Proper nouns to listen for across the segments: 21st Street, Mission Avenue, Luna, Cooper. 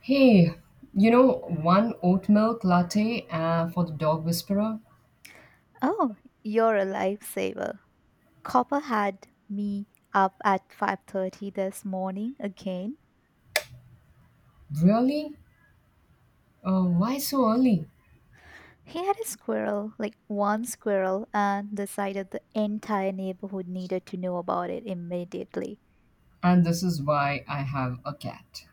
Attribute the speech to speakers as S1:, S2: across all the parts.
S1: Hey, you know, one oat milk latte for the dog whisperer?
S2: Oh, you're a lifesaver. Copper had me up at 5:30 this morning again.
S1: Really? Why so early?
S2: He had a squirrel, like one squirrel, and decided the entire neighborhood needed to know about it immediately.
S1: And this is why I have a cat.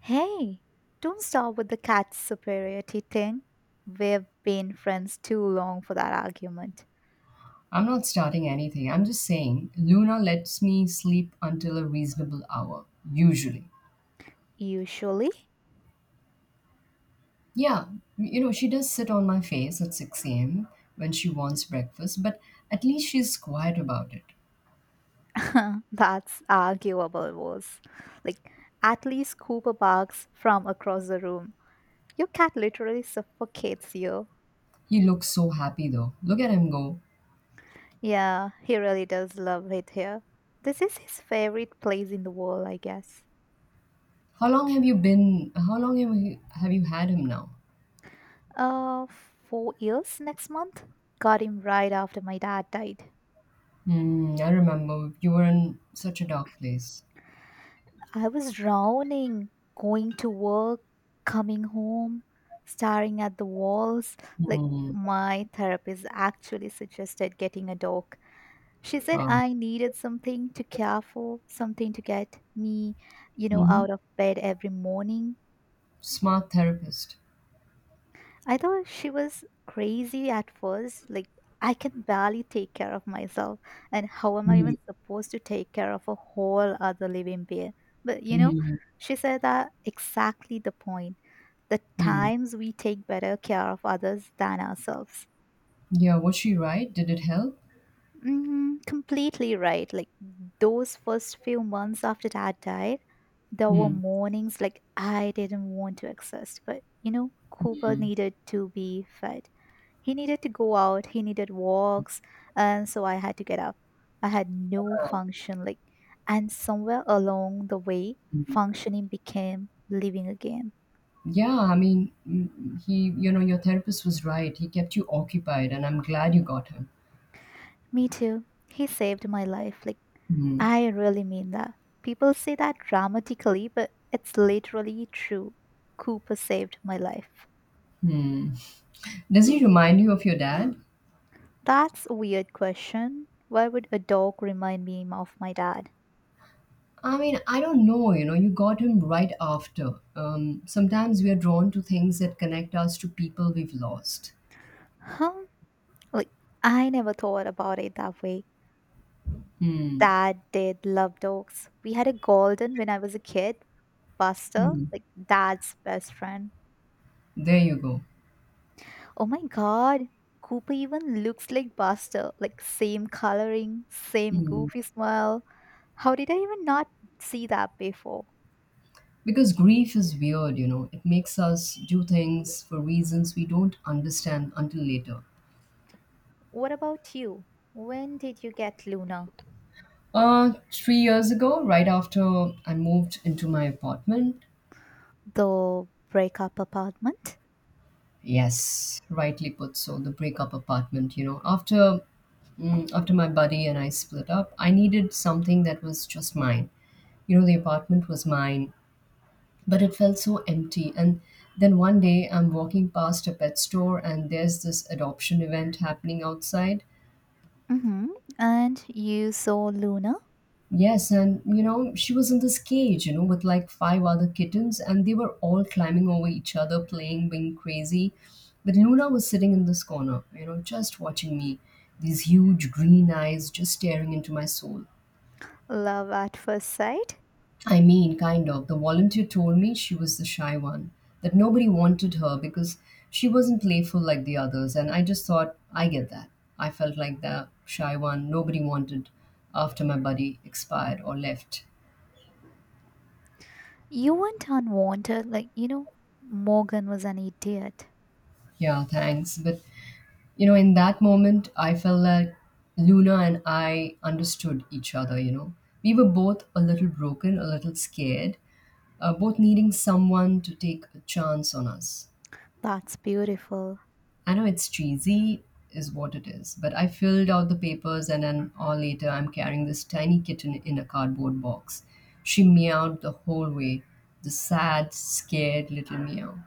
S2: Hey, don't start with the cat superiority thing. We've been friends too long for that argument.
S1: I'm not starting anything. I'm just saying Luna lets me sleep until a reasonable hour, usually.
S2: Usually,
S1: Yeah, you know, she does sit on my face at 6 a.m. when she wants breakfast, but at least she's quiet about it.
S2: that's arguable, was like at least Cooper barks from across the room. Your cat literally suffocates you.
S1: He looks so happy though. Look at him go.
S2: Yeah, he really does love it here. This is his favorite place in the world, I guess.
S1: How long have you been, how long have you had him now?
S2: 4 years next month? Got him right after my dad died.
S1: Mm, I remember you were in such a dark place.
S2: I was drowning, going to work, coming home, staring at the walls. Like,
S1: Mm, oh,
S2: my therapist actually suggested getting a dog. She
S1: hmm
S2: said I needed something to care for, something to get me,
S1: mm-hmm.
S2: out of bed every morning.
S1: Smart therapist.
S2: I thought she was crazy at first. Like, I can barely take care of myself. And how am I
S1: Mm,
S2: even supposed to take care of a whole other living being? But, you know,
S1: mm,
S2: she said that exactly the point. The
S1: mm.
S2: times we take better care of others than ourselves.
S1: Yeah, was she right? Did it help?
S2: Mm, completely right. Like, those first few months after dad died, there were
S1: Mm,
S2: mornings like I didn't want to exist. But, you know, Cooper needed to be fed. He needed to go out, he needed walks, and so I had to get up. I had no function, like, and somewhere along the way
S1: mm.
S2: functioning became living again.
S1: Yeah, I mean, mm, he, you know, your therapist was right. He kept you occupied, and I'm glad you got him.
S2: Me too. He saved my life. Like,
S1: Mm,
S2: I really mean that. People say that dramatically, but it's literally true. Cooper saved my life.
S1: mm. Does he remind you of your dad?
S2: That's a weird question. Why would a dog remind me of my dad?
S1: I mean, I don't know. You know, you got him right after. Sometimes we are drawn to things that connect us to people we've lost.
S2: Huh? Like, I never thought about it that way.
S1: Hmm.
S2: Dad did love dogs. We had a golden when I was a kid, Buster,
S1: Hmm.
S2: like dad's best friend.
S1: There you go.
S2: Oh my god, Cooper even looks like Buster, like same coloring, same
S1: Mm.
S2: goofy smile. How did I even not see that before?
S1: Because grief is weird, you know. It makes us do things for reasons we don't understand until later.
S2: What about you? When did you get Luna?
S1: 3 years ago, right after I moved into my apartment.
S2: The breakup apartment?
S1: Yes, rightly put. So the breakup apartment, you know, after after my buddy and I split up, I needed something that was just mine. You know, the apartment was mine, but it felt so empty. And then one day I'm walking past a pet store and there's this adoption event happening outside.
S2: Mm-hmm. And you saw Luna?
S1: Yes, and you know, she was in this cage, you know, with like five other kittens, and they were all climbing over each other, playing, being crazy. But Luna was sitting in this corner, you know, just watching me, these huge green eyes just staring into my soul.
S2: Love at first sight?
S1: I mean, kind of. The volunteer told me she was the shy one, that nobody wanted her because she wasn't playful like the others. And I just thought, I get that. I felt like the shy one nobody wanted after my buddy expired or left.
S2: You weren't unwanted, like, you know, Morgan was an idiot.
S1: Yeah, thanks. But, you know, in that moment, I felt like Luna and I understood each other, you know. We were both a little broken, a little scared, both needing someone to take a chance on us.
S2: That's beautiful.
S1: I know it's cheesy, is what it is, but I filled out the papers and an hour later I'm carrying this tiny kitten in a cardboard box. She meowed the whole way, the sad, scared little meow.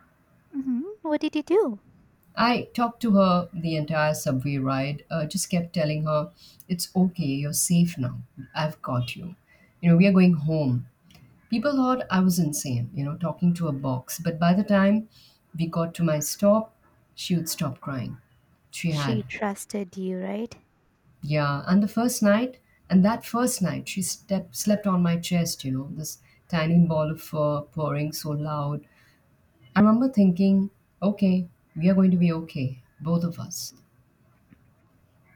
S2: Hmm, what did you do?
S1: I talked to her the entire subway ride, just kept telling her, it's okay, you're safe now. I've got you. You know, we are going home. People thought I was insane, you know, talking to a box, but by the time we got to my stop, she would stop crying. She had.
S2: She trusted you, right?
S1: Yeah, and the first night, she slept on my chest, you know, this tiny ball of fur purring so loud. I remember thinking, okay, we are going to be okay, both of us.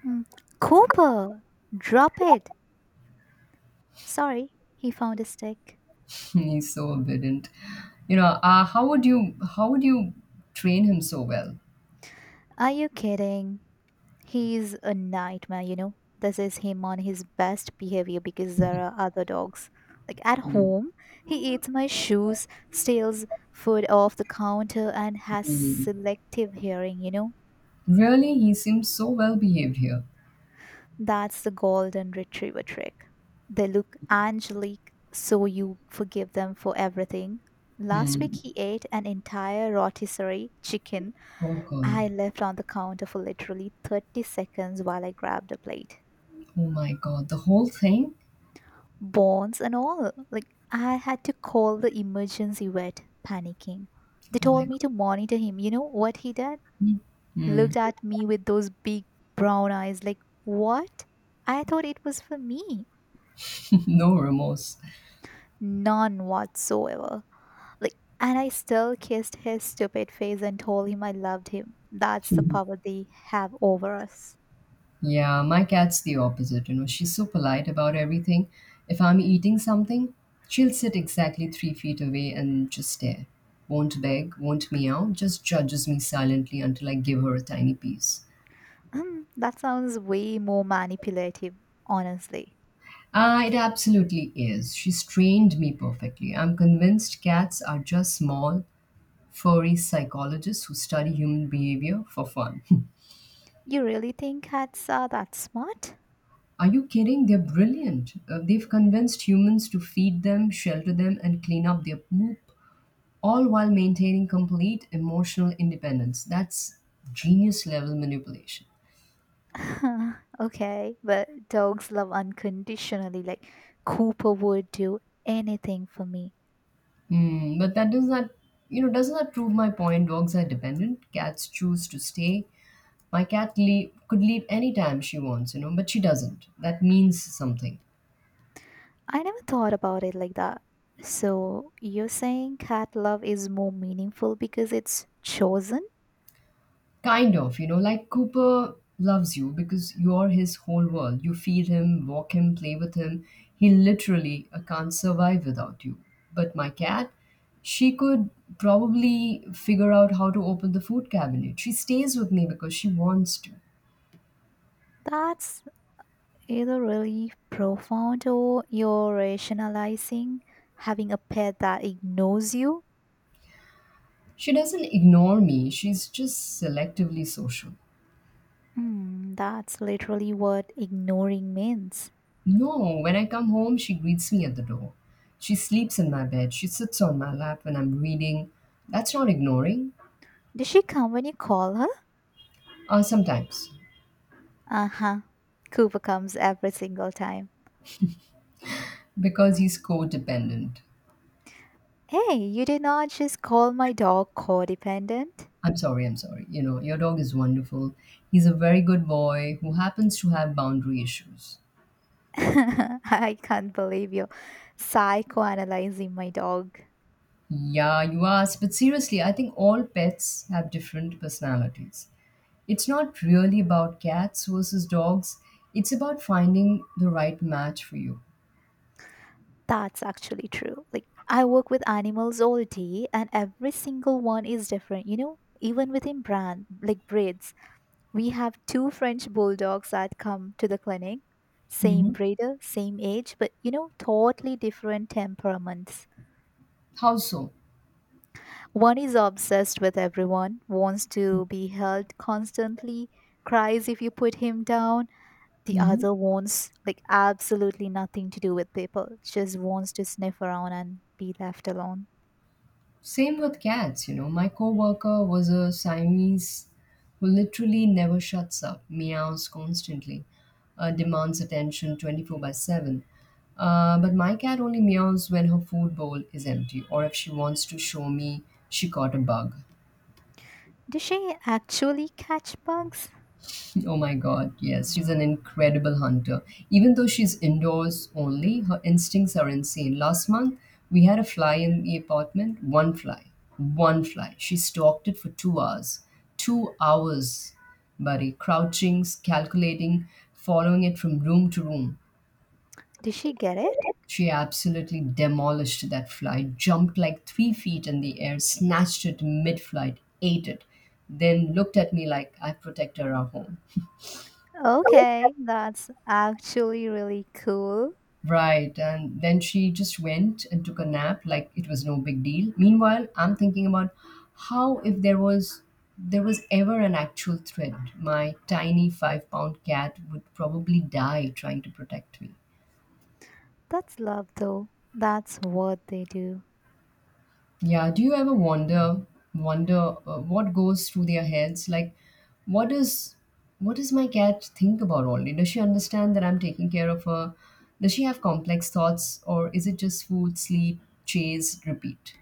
S2: Mm. Cooper, drop it. Sorry, he found a stick.
S1: He's so obedient. You know, how would you train him so well?
S2: Are you kidding? He's a nightmare, you know. This is him on his best behavior because there are other dogs. Like at home, he eats my shoes, steals food off the counter, and has
S1: Hmm.
S2: selective hearing, you know?
S1: Really, he seems so well behaved here.
S2: That's the golden retriever trick. They look angelic, so you forgive them for everything. Last week,
S1: Hmm.
S2: he ate an entire rotisserie chicken
S1: Oh God.
S2: I left on the counter for literally 30 seconds while I grabbed a plate.
S1: Oh my God. The whole thing.
S2: Bones and all. Like, I had to call the emergency vet, panicking. They
S1: Oh my
S2: told
S1: God.
S2: me to monitor him. You know what he did?
S1: Hmm.
S2: Looked at me with those big brown eyes, like, what? I thought it was for me.
S1: No remorse.
S2: None whatsoever. Like, and I still kissed his stupid face and told him I loved him. That's the power they have over us.
S1: Yeah, my cat's the opposite. You know, she's so polite about everything. If I'm eating something, she'll sit exactly 3 feet away and just stare. Won't beg, won't meow, just judges me silently until I give her a tiny piece.
S2: Hmm, that sounds way more manipulative, honestly.
S1: Ah, it absolutely is. She's trained me perfectly. I'm convinced cats are just small, furry psychologists who study human behavior for fun.
S2: You really think cats are that smart?
S1: Are you kidding? They're brilliant. They've convinced humans to feed them, shelter them, and clean up their poop all while maintaining complete emotional independence. That's genius level manipulation.
S2: Okay, but dogs love unconditionally. Like, Cooper would do anything for me.
S1: Hmm, but that does not, does not prove my point. Dogs are dependent. Cats choose to stay. Could leave anytime she wants, you know, but she doesn't. That means something.
S2: I never thought about it like that. So, you're saying cat love is more meaningful because it's chosen?
S1: Kind of, you know, like Cooper loves you because you're his whole world. You feed him, walk him, play with him. He literally can't survive without you. But my cat, she could probably figure out how to open the food cabinet. She stays with me because she wants to.
S2: That's either really profound or you're rationalizing having a pet that ignores you.
S1: She doesn't ignore me, she's just selectively social.
S2: Hmm, that's literally what ignoring means.
S1: No, when I come home, she greets me at the door. She sleeps in my bed. She sits on my lap when I'm reading. That's not ignoring.
S2: Does she come when you call her?
S1: Sometimes.
S2: Uh huh. Cooper comes every single time.
S1: Because he's codependent.
S2: Hey, you did not just call my dog codependent?
S1: I'm sorry, I'm sorry. You know, your dog is wonderful. He's a very good boy who happens to have boundary issues.
S2: I can't believe you're psychoanalyzing my dog.
S1: Yeah, you asked, but seriously, I think all pets have different personalities. It's not really about cats versus dogs, it's about finding the right match for you.
S2: That's actually true. Like, I work with animals all day, and every single one is different, you know? Even within brand, like breeds, we have two French bulldogs that come to the clinic, same
S1: Hmm.
S2: breeder, same age, but, you know, totally different temperaments.
S1: How so?
S2: One is obsessed with everyone, wants to be held constantly, cries if you put him down. The other wants like absolutely nothing to do with people, just wants to sniff around and be left alone.
S1: Same with cats, you know. My coworker was a Siamese who literally never shuts up, meows constantly, demands attention 24 by 7. But my cat only meows when her food bowl is empty or if she wants to show me she caught a bug.
S2: Did she actually catch bugs?
S1: Oh my God, yes, she's an incredible hunter. Even though she's indoors only, her instincts are insane. Last month, we had a fly in the apartment, one fly, one fly. She stalked it for 2 hours. 2 hours, buddy, crouching, calculating, following it from room to room.
S2: Did she get it?
S1: She absolutely demolished that fly, jumped like 3 feet in the air, snatched it mid flight, ate it, then looked at me like I protected our home.
S2: Okay, that's actually really cool.
S1: Right. And then she just went and took a nap like it was no big deal. Meanwhile, I'm thinking about how if there was there was ever an actual threat, my tiny 5 pound cat would probably die trying to protect me.
S2: That's love though. That's what they do.
S1: Yeah, do you ever wonder what goes through their heads? What is what does my cat think about all day? Does she understand that I'm taking care of her? Does she have complex thoughts or is it just food, sleep, chase, repeat?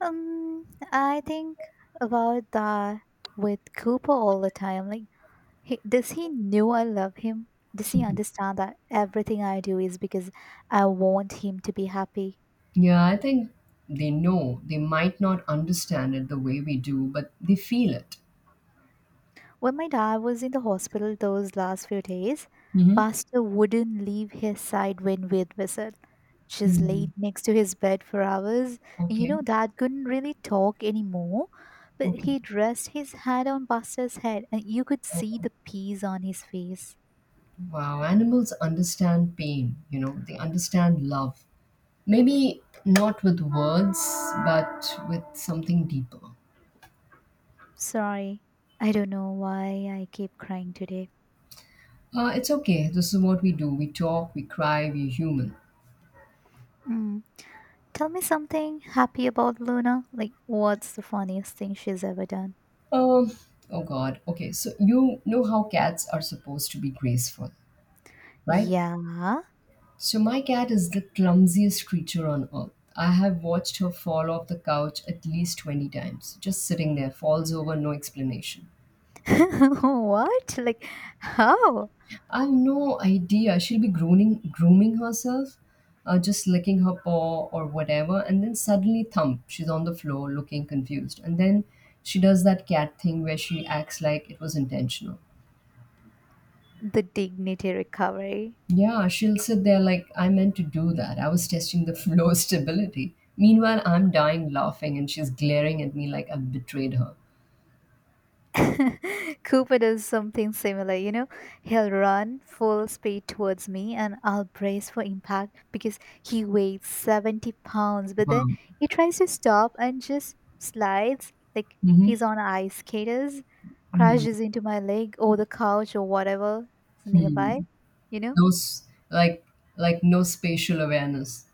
S2: I think about that with Cooper all the time. Like, he, does he know I love him? Does he understand that everything I do is because I want him to be happy?
S1: Yeah, I think they know. They might not understand it the way we do, but they feel it.
S2: When my dad was in the hospital those last few days,
S1: Mm-hmm.
S2: Buster wouldn't leave his side when we'd visit. Just
S1: Mm.
S2: laid next to his bed for hours. And you
S1: Okay.
S2: know, dad couldn't really talk anymore, but
S1: Okay.
S2: he'd rest his head on Buster's head and you could
S1: Oh,
S2: see the peace on his face.
S1: wow. Animals understand pain, you know, they understand love. Maybe not with words, but with something deeper.
S2: Sorry, I don't know why I keep crying today.
S1: It's okay. This is what we do. We talk, we cry, we're human.
S2: Mm. Tell me something happy about Luna. Like, what's the funniest thing she's ever done?
S1: Um, oh, God. Okay. So, you know how cats are supposed to be graceful, right?
S2: Yeah.
S1: So my cat is the clumsiest creature on earth. I have watched her fall off the couch at least 20 times, just sitting there, falls over, no explanation.
S2: What? Like, how?
S1: I've no idea. Grooming herself, just licking her paw or whatever, and then suddenly thump, she's on the floor looking confused. And then she does that cat thing where she acts like it was intentional.
S2: The dignity recovery.
S1: Yeah, she'll sit there like, I meant to do that. I was testing the flow stability. Meanwhile, I'm dying laughing and she's glaring at me like I've betrayed her.
S2: Cooper does something similar, you know? He'll run full speed towards me and I'll brace for impact because he weighs 70 pounds, but then
S1: Wow.
S2: he tries to stop and just slides like he's
S1: Mm-hmm.
S2: on ice skaters,
S1: Mm-hmm.
S2: crashes into my leg or the couch or whatever is nearby. You know,
S1: No, s- like, like no spatial awareness.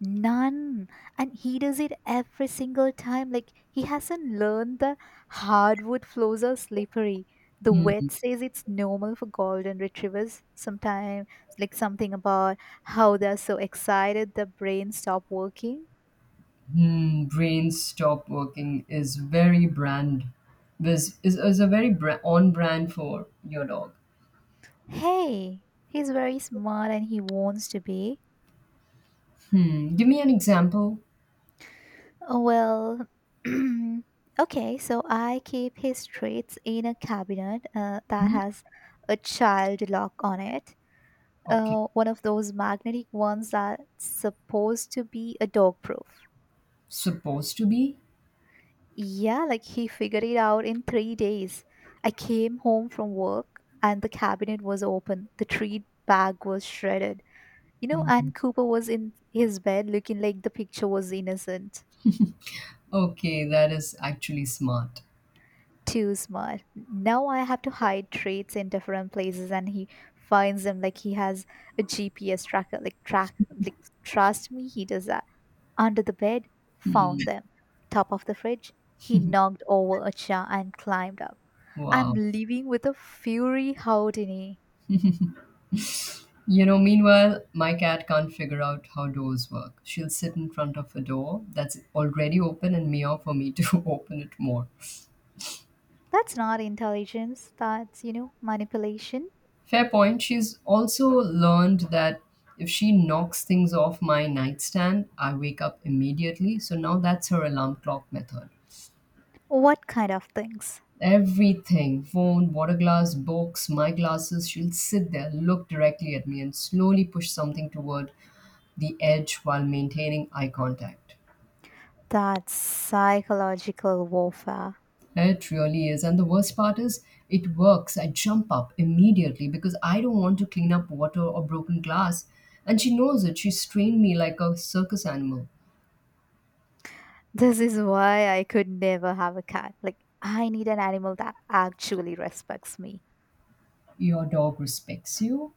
S2: none. And he does it every single time. Like, he hasn't learned the hardwood floors are slippery. The
S1: Mm-hmm.
S2: vet says it's normal for golden retrievers sometimes, like something about how they're so excited the brain stop working.
S1: Mm-hmm. Brain stop working is very brand, is a very bra- On brand for your dog.
S2: Hey, he's very smart and he wants to be.
S1: Hmm. Give me an example.
S2: Oh, well, okay, so I keep his traits in a cabinet that
S1: Mhm.
S2: has a child lock on it.
S1: Okay.
S2: One of those magnetic ones that's supposed to be a dog proof.
S1: Supposed to be?
S2: Yeah, like he figured it out in 3 days. I came home from work and the cabinet was open. The treat bag was shredded. You know, and Cooper was in his bed looking like the picture was innocent.
S1: Okay, that is actually smart.
S2: Too smart. Now I have to hide traits in different places and he finds them like he has a GPS tracker. Like track like Trust me, he does that. Under the bed, found them. Top of the fridge, he knocked over a chair and climbed up. I'm
S1: Wow.
S2: living with a fury houdini.
S1: You know, meanwhile, my cat can't figure out how doors work. She'll sit in front of a door that's already open and meow for me to open it more.
S2: That's not intelligence, that's, you know, manipulation.
S1: Fair point. She's also learned that if she knocks things off my nightstand, I wake up immediately. So now that's her alarm clock method.
S2: What kind of things?
S1: Everything phone, water glass, books, my glasses she'll sit there, look directly at me, and slowly push something toward the edge while maintaining eye contact.
S2: That's psychological warfare.
S1: It really is. And the worst part is, it works. I jump up immediately because I don't want to clean up water or broken glass. And she knows it. She's trained me like a circus animal.
S2: This is why I could never have a cat. Like, I need an animal that actually respects me.
S1: Your dog respects you?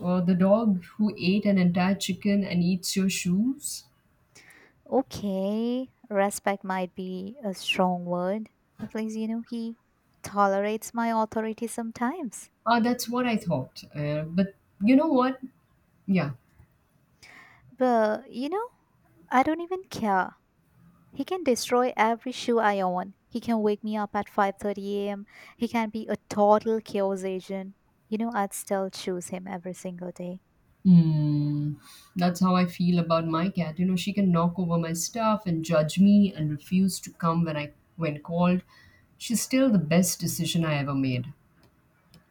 S1: Or the dog who ate an entire chicken and eats your shoes?
S2: Okay, respect might be a strong word. At least, you know, he tolerates my authority sometimes.
S1: Ah, that's what I thought. But you know what? Yeah,
S2: But, you know, I don't even care. He can destroy every shoe I own. He can wake me up at 5:30 a.m. He can be a total chaos agent. You know, I'd still choose him every single day.
S1: Hmm. That's how I feel about my cat. You know, she can knock over my stuff and judge me and refuse to come when called. She's still the best decision I ever made.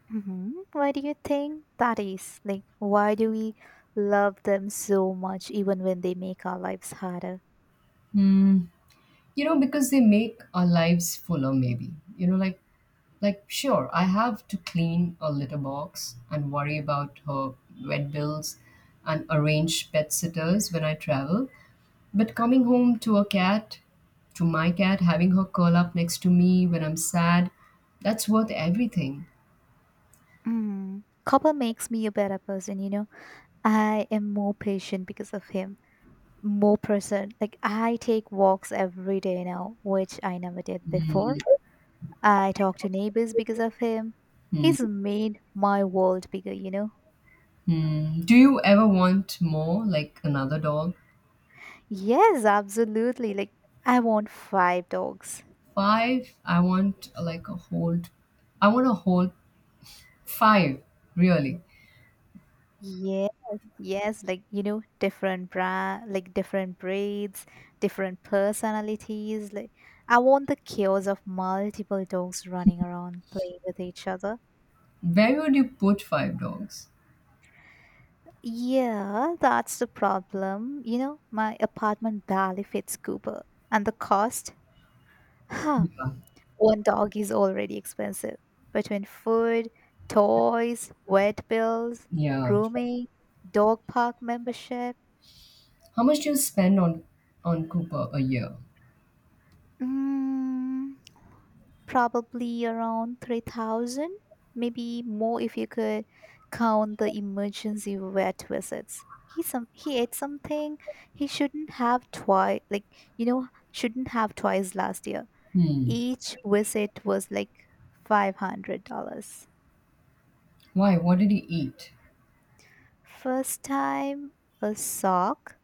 S2: Hmm, why do you think that is? Like, why do we love them so much even when they make our lives harder?
S1: Hmm. You know, because they make our lives fuller, maybe. You know, like Like, sure, I have to clean a litter box and worry about her vet bills and arrange pet sitters when I travel. But coming home to a cat, to my cat, having her curl up next to me when I'm sad, that's worth everything.
S2: Mm. Copper makes me a better person, you know. I am more patient because of him. More person. Like, I take walks every day now, which I never did before. I talk to neighbors because of him.
S1: Hmm.
S2: He's made my world bigger, you know.
S1: Hmm. Do you ever want more, like another dog?
S2: Yes, absolutely. Like, I want five dogs.
S1: Five, I want like a whole, I want a whole five, really.
S2: Yeah. Yes, like, you know, different breeds, different personalities. Like, I want the chaos of multiple dogs running around playing with each other.
S1: Where would you put five dogs?
S2: Yeah, that's the problem. You know, my apartment barely fits Cooper. And the cost? Huh.
S1: Yeah.
S2: One dog is already expensive. Between food, toys, vet bills,
S1: Yeah.
S2: grooming, dog park membership.
S1: How much do you spend on Cooper a year?
S2: Mm. Probably around 3,000, maybe more if you could count the emergency vet visits. He some he ate something he shouldn't have twice like you know shouldn't have twice last year.
S1: Hmm.
S2: Each visit was like $500.
S1: Why? What did he eat?
S2: First time a sock,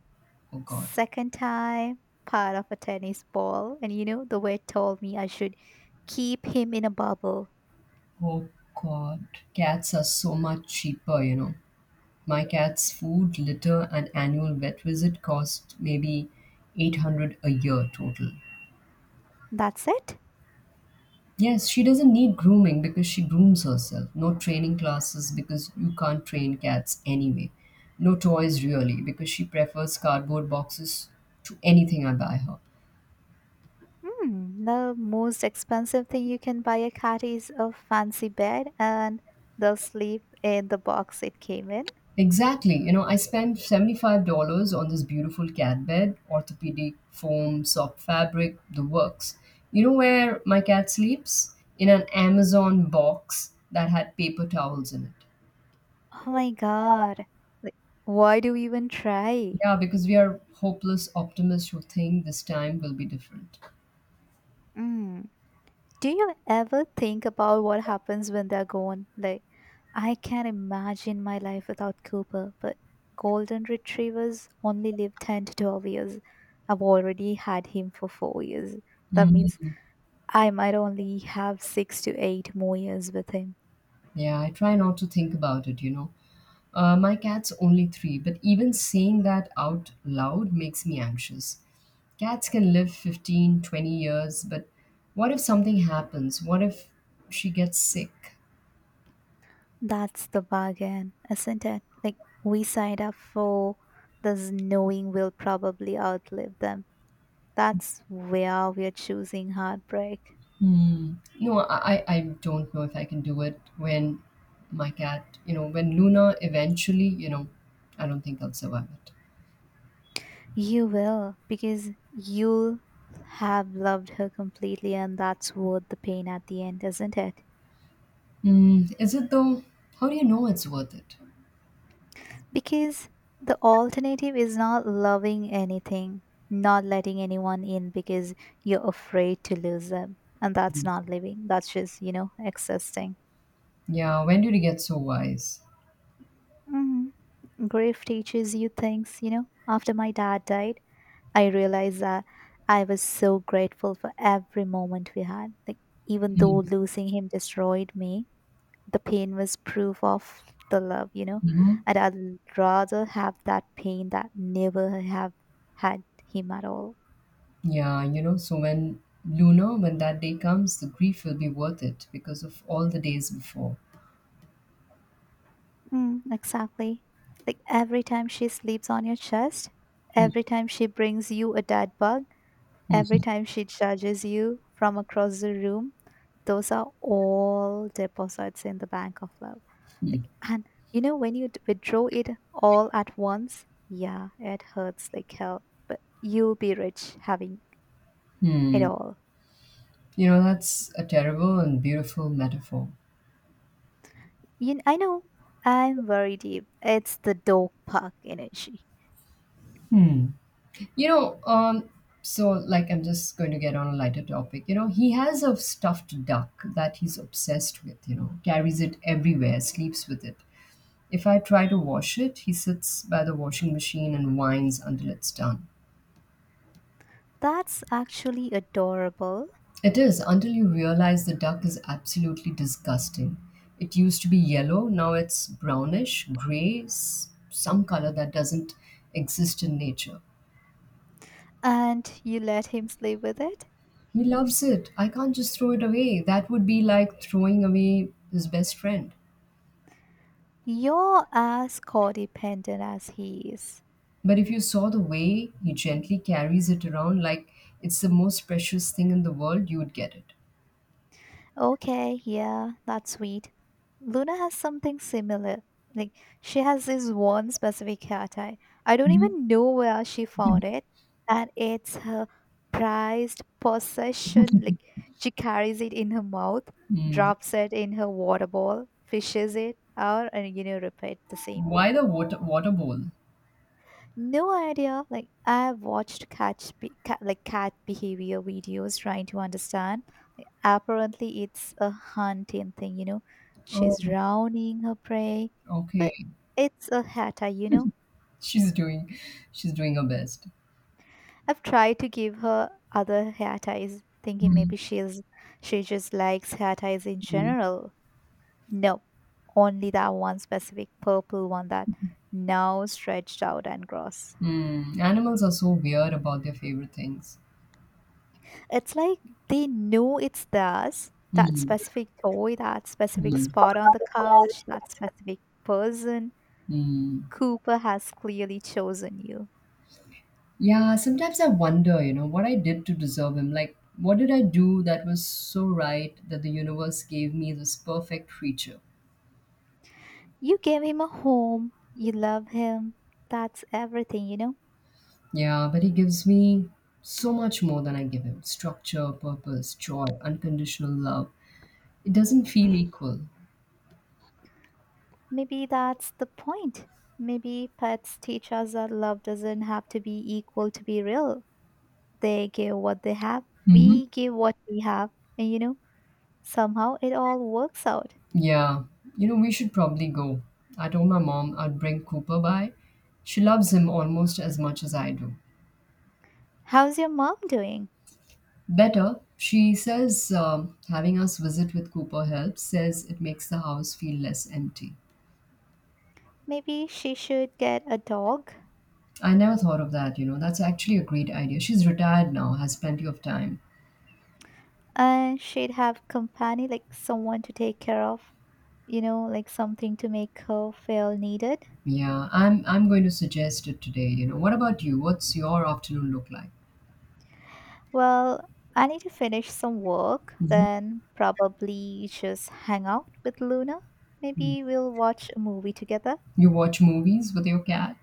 S1: Oh God.
S2: second time part of a tennis ball, and you know the vet told me I should keep him in a bubble.
S1: Oh God. Cats are so much cheaper, you know. My cat's food, litter, and annual vet visit cost maybe 800 a year total.
S2: That's it?
S1: Yes, she doesn't need grooming because she grooms herself. No training classes because you can't train cats anyway. No toys really because she prefers cardboard boxes to anything I buy her.
S2: Hmm, the most expensive thing you can buy a cat is a fancy bed and they'll sleep in the box it came in.
S1: Exactly. You know, I spent $75 on this beautiful cat bed, orthopedic foam, soft fabric, the works. You know where my cat sleeps? In an Amazon box that had paper towels in it.
S2: Oh my god. Like, why do we even try?
S1: Yeah, because we are hopeless optimists who think this time will be different.
S2: Mm. Do you ever think about what happens when they're gone? Like, I can't imagine my life without Cooper, but golden retrievers only live 10 to 12 years. I've already had him for 4 years. That
S1: Mm.
S2: means I might only have 6 to 8 more years with him.
S1: Yeah, I try not to think about it, you know. My cat's only three, but even saying that out loud makes me anxious. Cats can live 15, 20 years, but what if something happens? What if she gets sick?
S2: That's the bargain, isn't it? Like, we signed up for this knowing we'll probably outlive them. That's where we're choosing heartbreak.
S1: Hmm. No, I don't know if I can do it when my cat, when Luna eventually, I don't think I'll survive it.
S2: You will, because you'll have loved her completely, and that's worth the pain at the end, isn't it?
S1: Hmm. Is it though? How do you know it's worth it?
S2: Because the alternative is not loving anything, not letting anyone in because you're afraid to lose them. And that's not living, that's just, you know, existing.
S1: Yeah, when did you get so wise?
S2: Hmm, grief teaches you things, you know. After my dad died, I realized that I was so grateful for every moment we had. Like, even though losing him destroyed me, the pain was proof of the love, you know.
S1: Hmm.
S2: And I'd rather have that pain that never have had him at all.
S1: Yeah, you know, so when Luna, when that day comes, the grief will be worth it because of all the days before.
S2: Mm, exactly. Like, every time she sleeps on your chest,
S1: Hmm.
S2: every time she brings you a dead bug, every
S1: Hmm.
S2: time she judges you from across the room, those are all deposits in the bank of love
S1: Hmm.
S2: like and you know when withdraw it all at once, yeah, it hurts like hell, but you'll be rich having it
S1: Hmm.
S2: all.
S1: You know, that's a terrible and beautiful metaphor.
S2: You, I know. I'm very deep. It's the dog park energy.
S1: Hmm. You know, um, so like I'm just going to get on a lighter topic. You know, he has a stuffed duck that he's obsessed with, you know, carries it everywhere, sleeps with it. If I try to wash it, he sits by the washing machine and whines until it's done.
S2: That's actually adorable.
S1: It is until you realize the duck is absolutely disgusting. It used to be yellow, now it's brownish, gray, some color that doesn't exist in nature.
S2: And you let him sleep with it?
S1: He loves it. I can't just throw it away. That would be like throwing away his best friend.
S2: You're as codependent as he is.
S1: But if you saw the way he gently carries it around like it's the most precious thing in the world, you would get it.
S2: Okay, yeah, that's sweet. Luna has something similar. Like, she has this one specific hair tie. I don't
S1: Mhm.
S2: even know where she
S1: Mhm.
S2: found it. And it's her prized possession. Like, she carries it in her mouth,
S1: Mm.
S2: drops it in her water bowl, fishes it out, and, you know, repeat the same.
S1: Why the water bowl?
S2: No idea. Like I've watched cat, be- cat like cat behavior videos trying to understand. Like, apparently, it's a hunting thing. You know,
S1: Oh,
S2: she's drowning her prey,
S1: okay.
S2: but it's a hair tie.
S1: She's doing she's doing her best.
S2: I've tried to give her other hair ties, thinking
S1: Mhm.
S2: maybe she just likes hair ties in general. No, only that one specific purple one that now stretched out and gross.
S1: Mm. Animals are so weird about their favorite things.
S2: It's like they know it's theirs, that
S1: Mm.
S2: specific toy, that specific
S1: Mm.
S2: spot on the couch, that specific person.
S1: Mm.
S2: Cooper has clearly chosen you.
S1: Yeah, sometimes I wonder, you know, what I did to deserve him. Like, what did I do that was so right that the universe gave me this perfect creature?
S2: You gave him a home, you love him. That's everything, you know?
S1: Yeah, but he gives me so much more than I give him structure, purpose, joy, unconditional love. It doesn't feel equal.
S2: Maybe that's the point. Maybe pets teach us that love doesn't have to be equal to be real. They give what they have,
S1: Hmm.
S2: we give what we have, and, you know, somehow it all works out.
S1: Yeah, you know, we should probably go. I told my mom I'd bring Cooper by. She loves him almost as much as I do.
S2: How's your mom doing?
S1: Better, she says, having us visit with Cooper helps, says it makes the house feel less empty.
S2: Maybe she should get a dog,
S1: I never thought of that, you know. That's actually a great idea. She's retired now, has plenty of time.
S2: and she'd have company, like someone to take care of, you know, like something to make her feel needed.
S1: Yeah, I'm going to suggest it today, you know. What about you? What's your afternoon look like?
S2: Well, I need to finish some work,
S1: Hmm.
S2: then probably just hang out with Luna. Maybe we'll watch a movie together.
S1: You watch movies with your cat?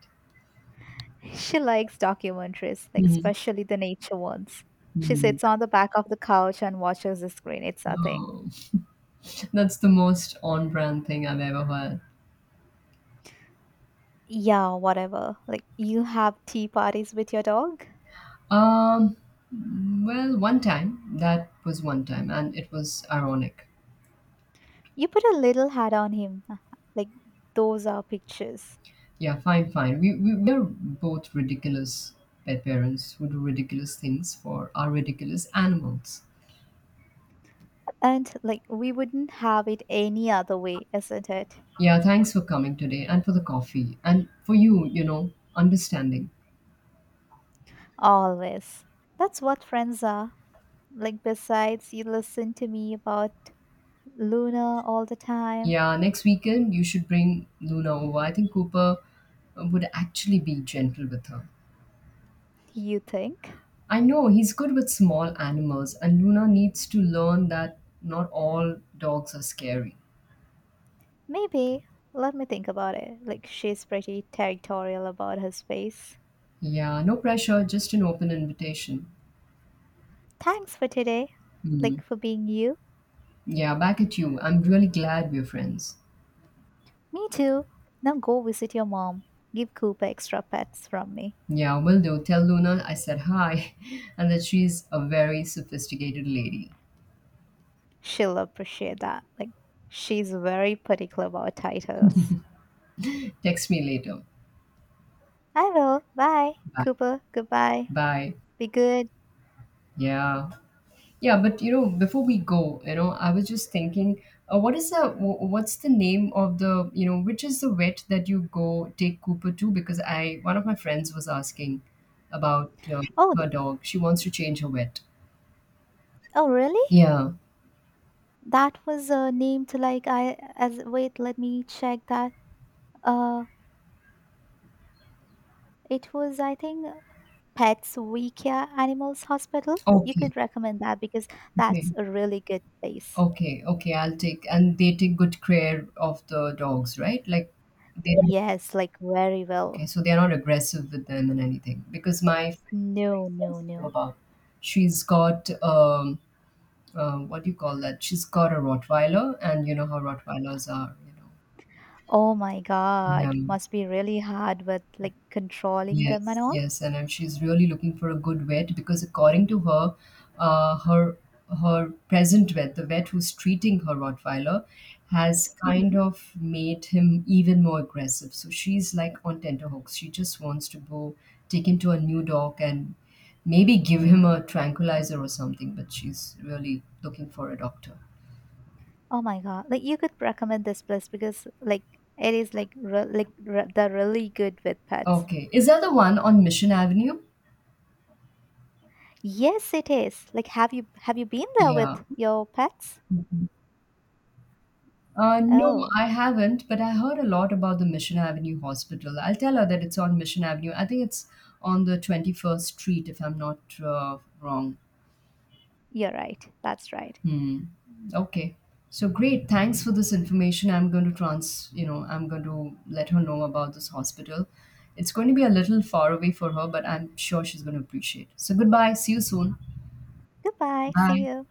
S2: She likes documentaries, like especially the nature ones. She
S1: Mm-hmm.
S2: sits on the back of the couch and watches the screen. It's a thing.
S1: Oh, that's the most on-brand thing I've ever heard.
S2: Yeah, whatever. Like you have tea parties with your dog?
S1: Um, well, one time, that was one time, and it was ironic.
S2: You put a little hat on him. Like, those are pictures.
S1: Yeah, fine, fine. We are both ridiculous pet parents who do ridiculous things for our ridiculous animals.
S2: And, like, we wouldn't have it any other way, isn't it?
S1: Yeah, thanks for coming today and for the coffee and for you, you know, understanding.
S2: Always. That's what friends are. Like, besides, you listen to me about Luna all the time.
S1: Yeah, next weekend you should bring Luna over. I think Cooper would actually be gentle with her.
S2: You think?
S1: I know he's good with small animals, and Luna needs to learn that not all dogs are scary.
S2: Maybe. Let me think about it. Like, she's pretty territorial about her space.
S1: Yeah, no pressure, just an open invitation.
S2: Thanks for today.
S1: Hmm.
S2: Like, for being you.
S1: Yeah, back at you. I'm really glad we're friends.
S2: Me too. Now go visit your mom. Give Cooper extra pets from me.
S1: Yeah, will do. Tell Luna I said hi and that she's a very sophisticated lady.
S2: She'll appreciate that. Like, she's very particular about titles.
S1: Text me later.
S2: I will. Bye,
S1: Bye.
S2: Cooper. Goodbye.
S1: Bye.
S2: Be good.
S1: Yeah. Yeah, but you know, before we go, you know, I was just thinking, what is the what's the name of the, you know, which is the vet that you go take Cooper to? Because I one of my friends was asking about
S2: Oh, th-
S1: her dog. She wants to change her vet.
S2: oh, really?
S1: Yeah.
S2: That was named like I as wait. Let me check that. Uh, it was I think Pets Wikia Animals Hospital. You
S1: Okay.
S2: could recommend that because
S1: Okay.
S2: that's a really good place.
S1: Okay, okay, I'll take and they take good care of the dogs, right? Like they don't
S2: Yes, like very
S1: okay,
S2: well.
S1: so they're not aggressive with them and anything. Because my friend is very
S2: No, no,
S1: sensitive
S2: no.
S1: about she's got what do you call that? She's got a Rottweiler and you know how Rottweilers are, you
S2: Oh my
S1: know. Yeah.
S2: God, must be really hard with like controlling them and
S1: Yes,
S2: all.
S1: yes, and if she's really looking for a good vet because according to her, her her present vet, the vet who's treating her Rottweiler, has kind
S2: Hmm.
S1: of made him even more aggressive. So she's like on tenterhooks. She just wants to go take him to a new dog and maybe give him a tranquilizer or something. But she's really looking for a doctor.
S2: Oh my God! Like you could recommend this place because like it is they're really good with pets.
S1: Okay, is that the one on Mission Avenue?
S2: Yes, it is. Like have you been there
S1: Yeah.
S2: with your pets?
S1: No,
S2: Oh,
S1: I haven't, but I heard a lot about the Mission Avenue Hospital. I'll tell her that it's on Mission Avenue. I think it's on the 21st Street, if I'm not wrong.
S2: you're right. That's right.
S1: Hmm. Okay. So great. Thanks for this information. I'm going to let her know about this hospital. It's going to be a little far away for her, but I'm sure she's going to appreciate. So goodbye. See you soon.
S2: Goodbye.
S1: Bye.
S2: See you.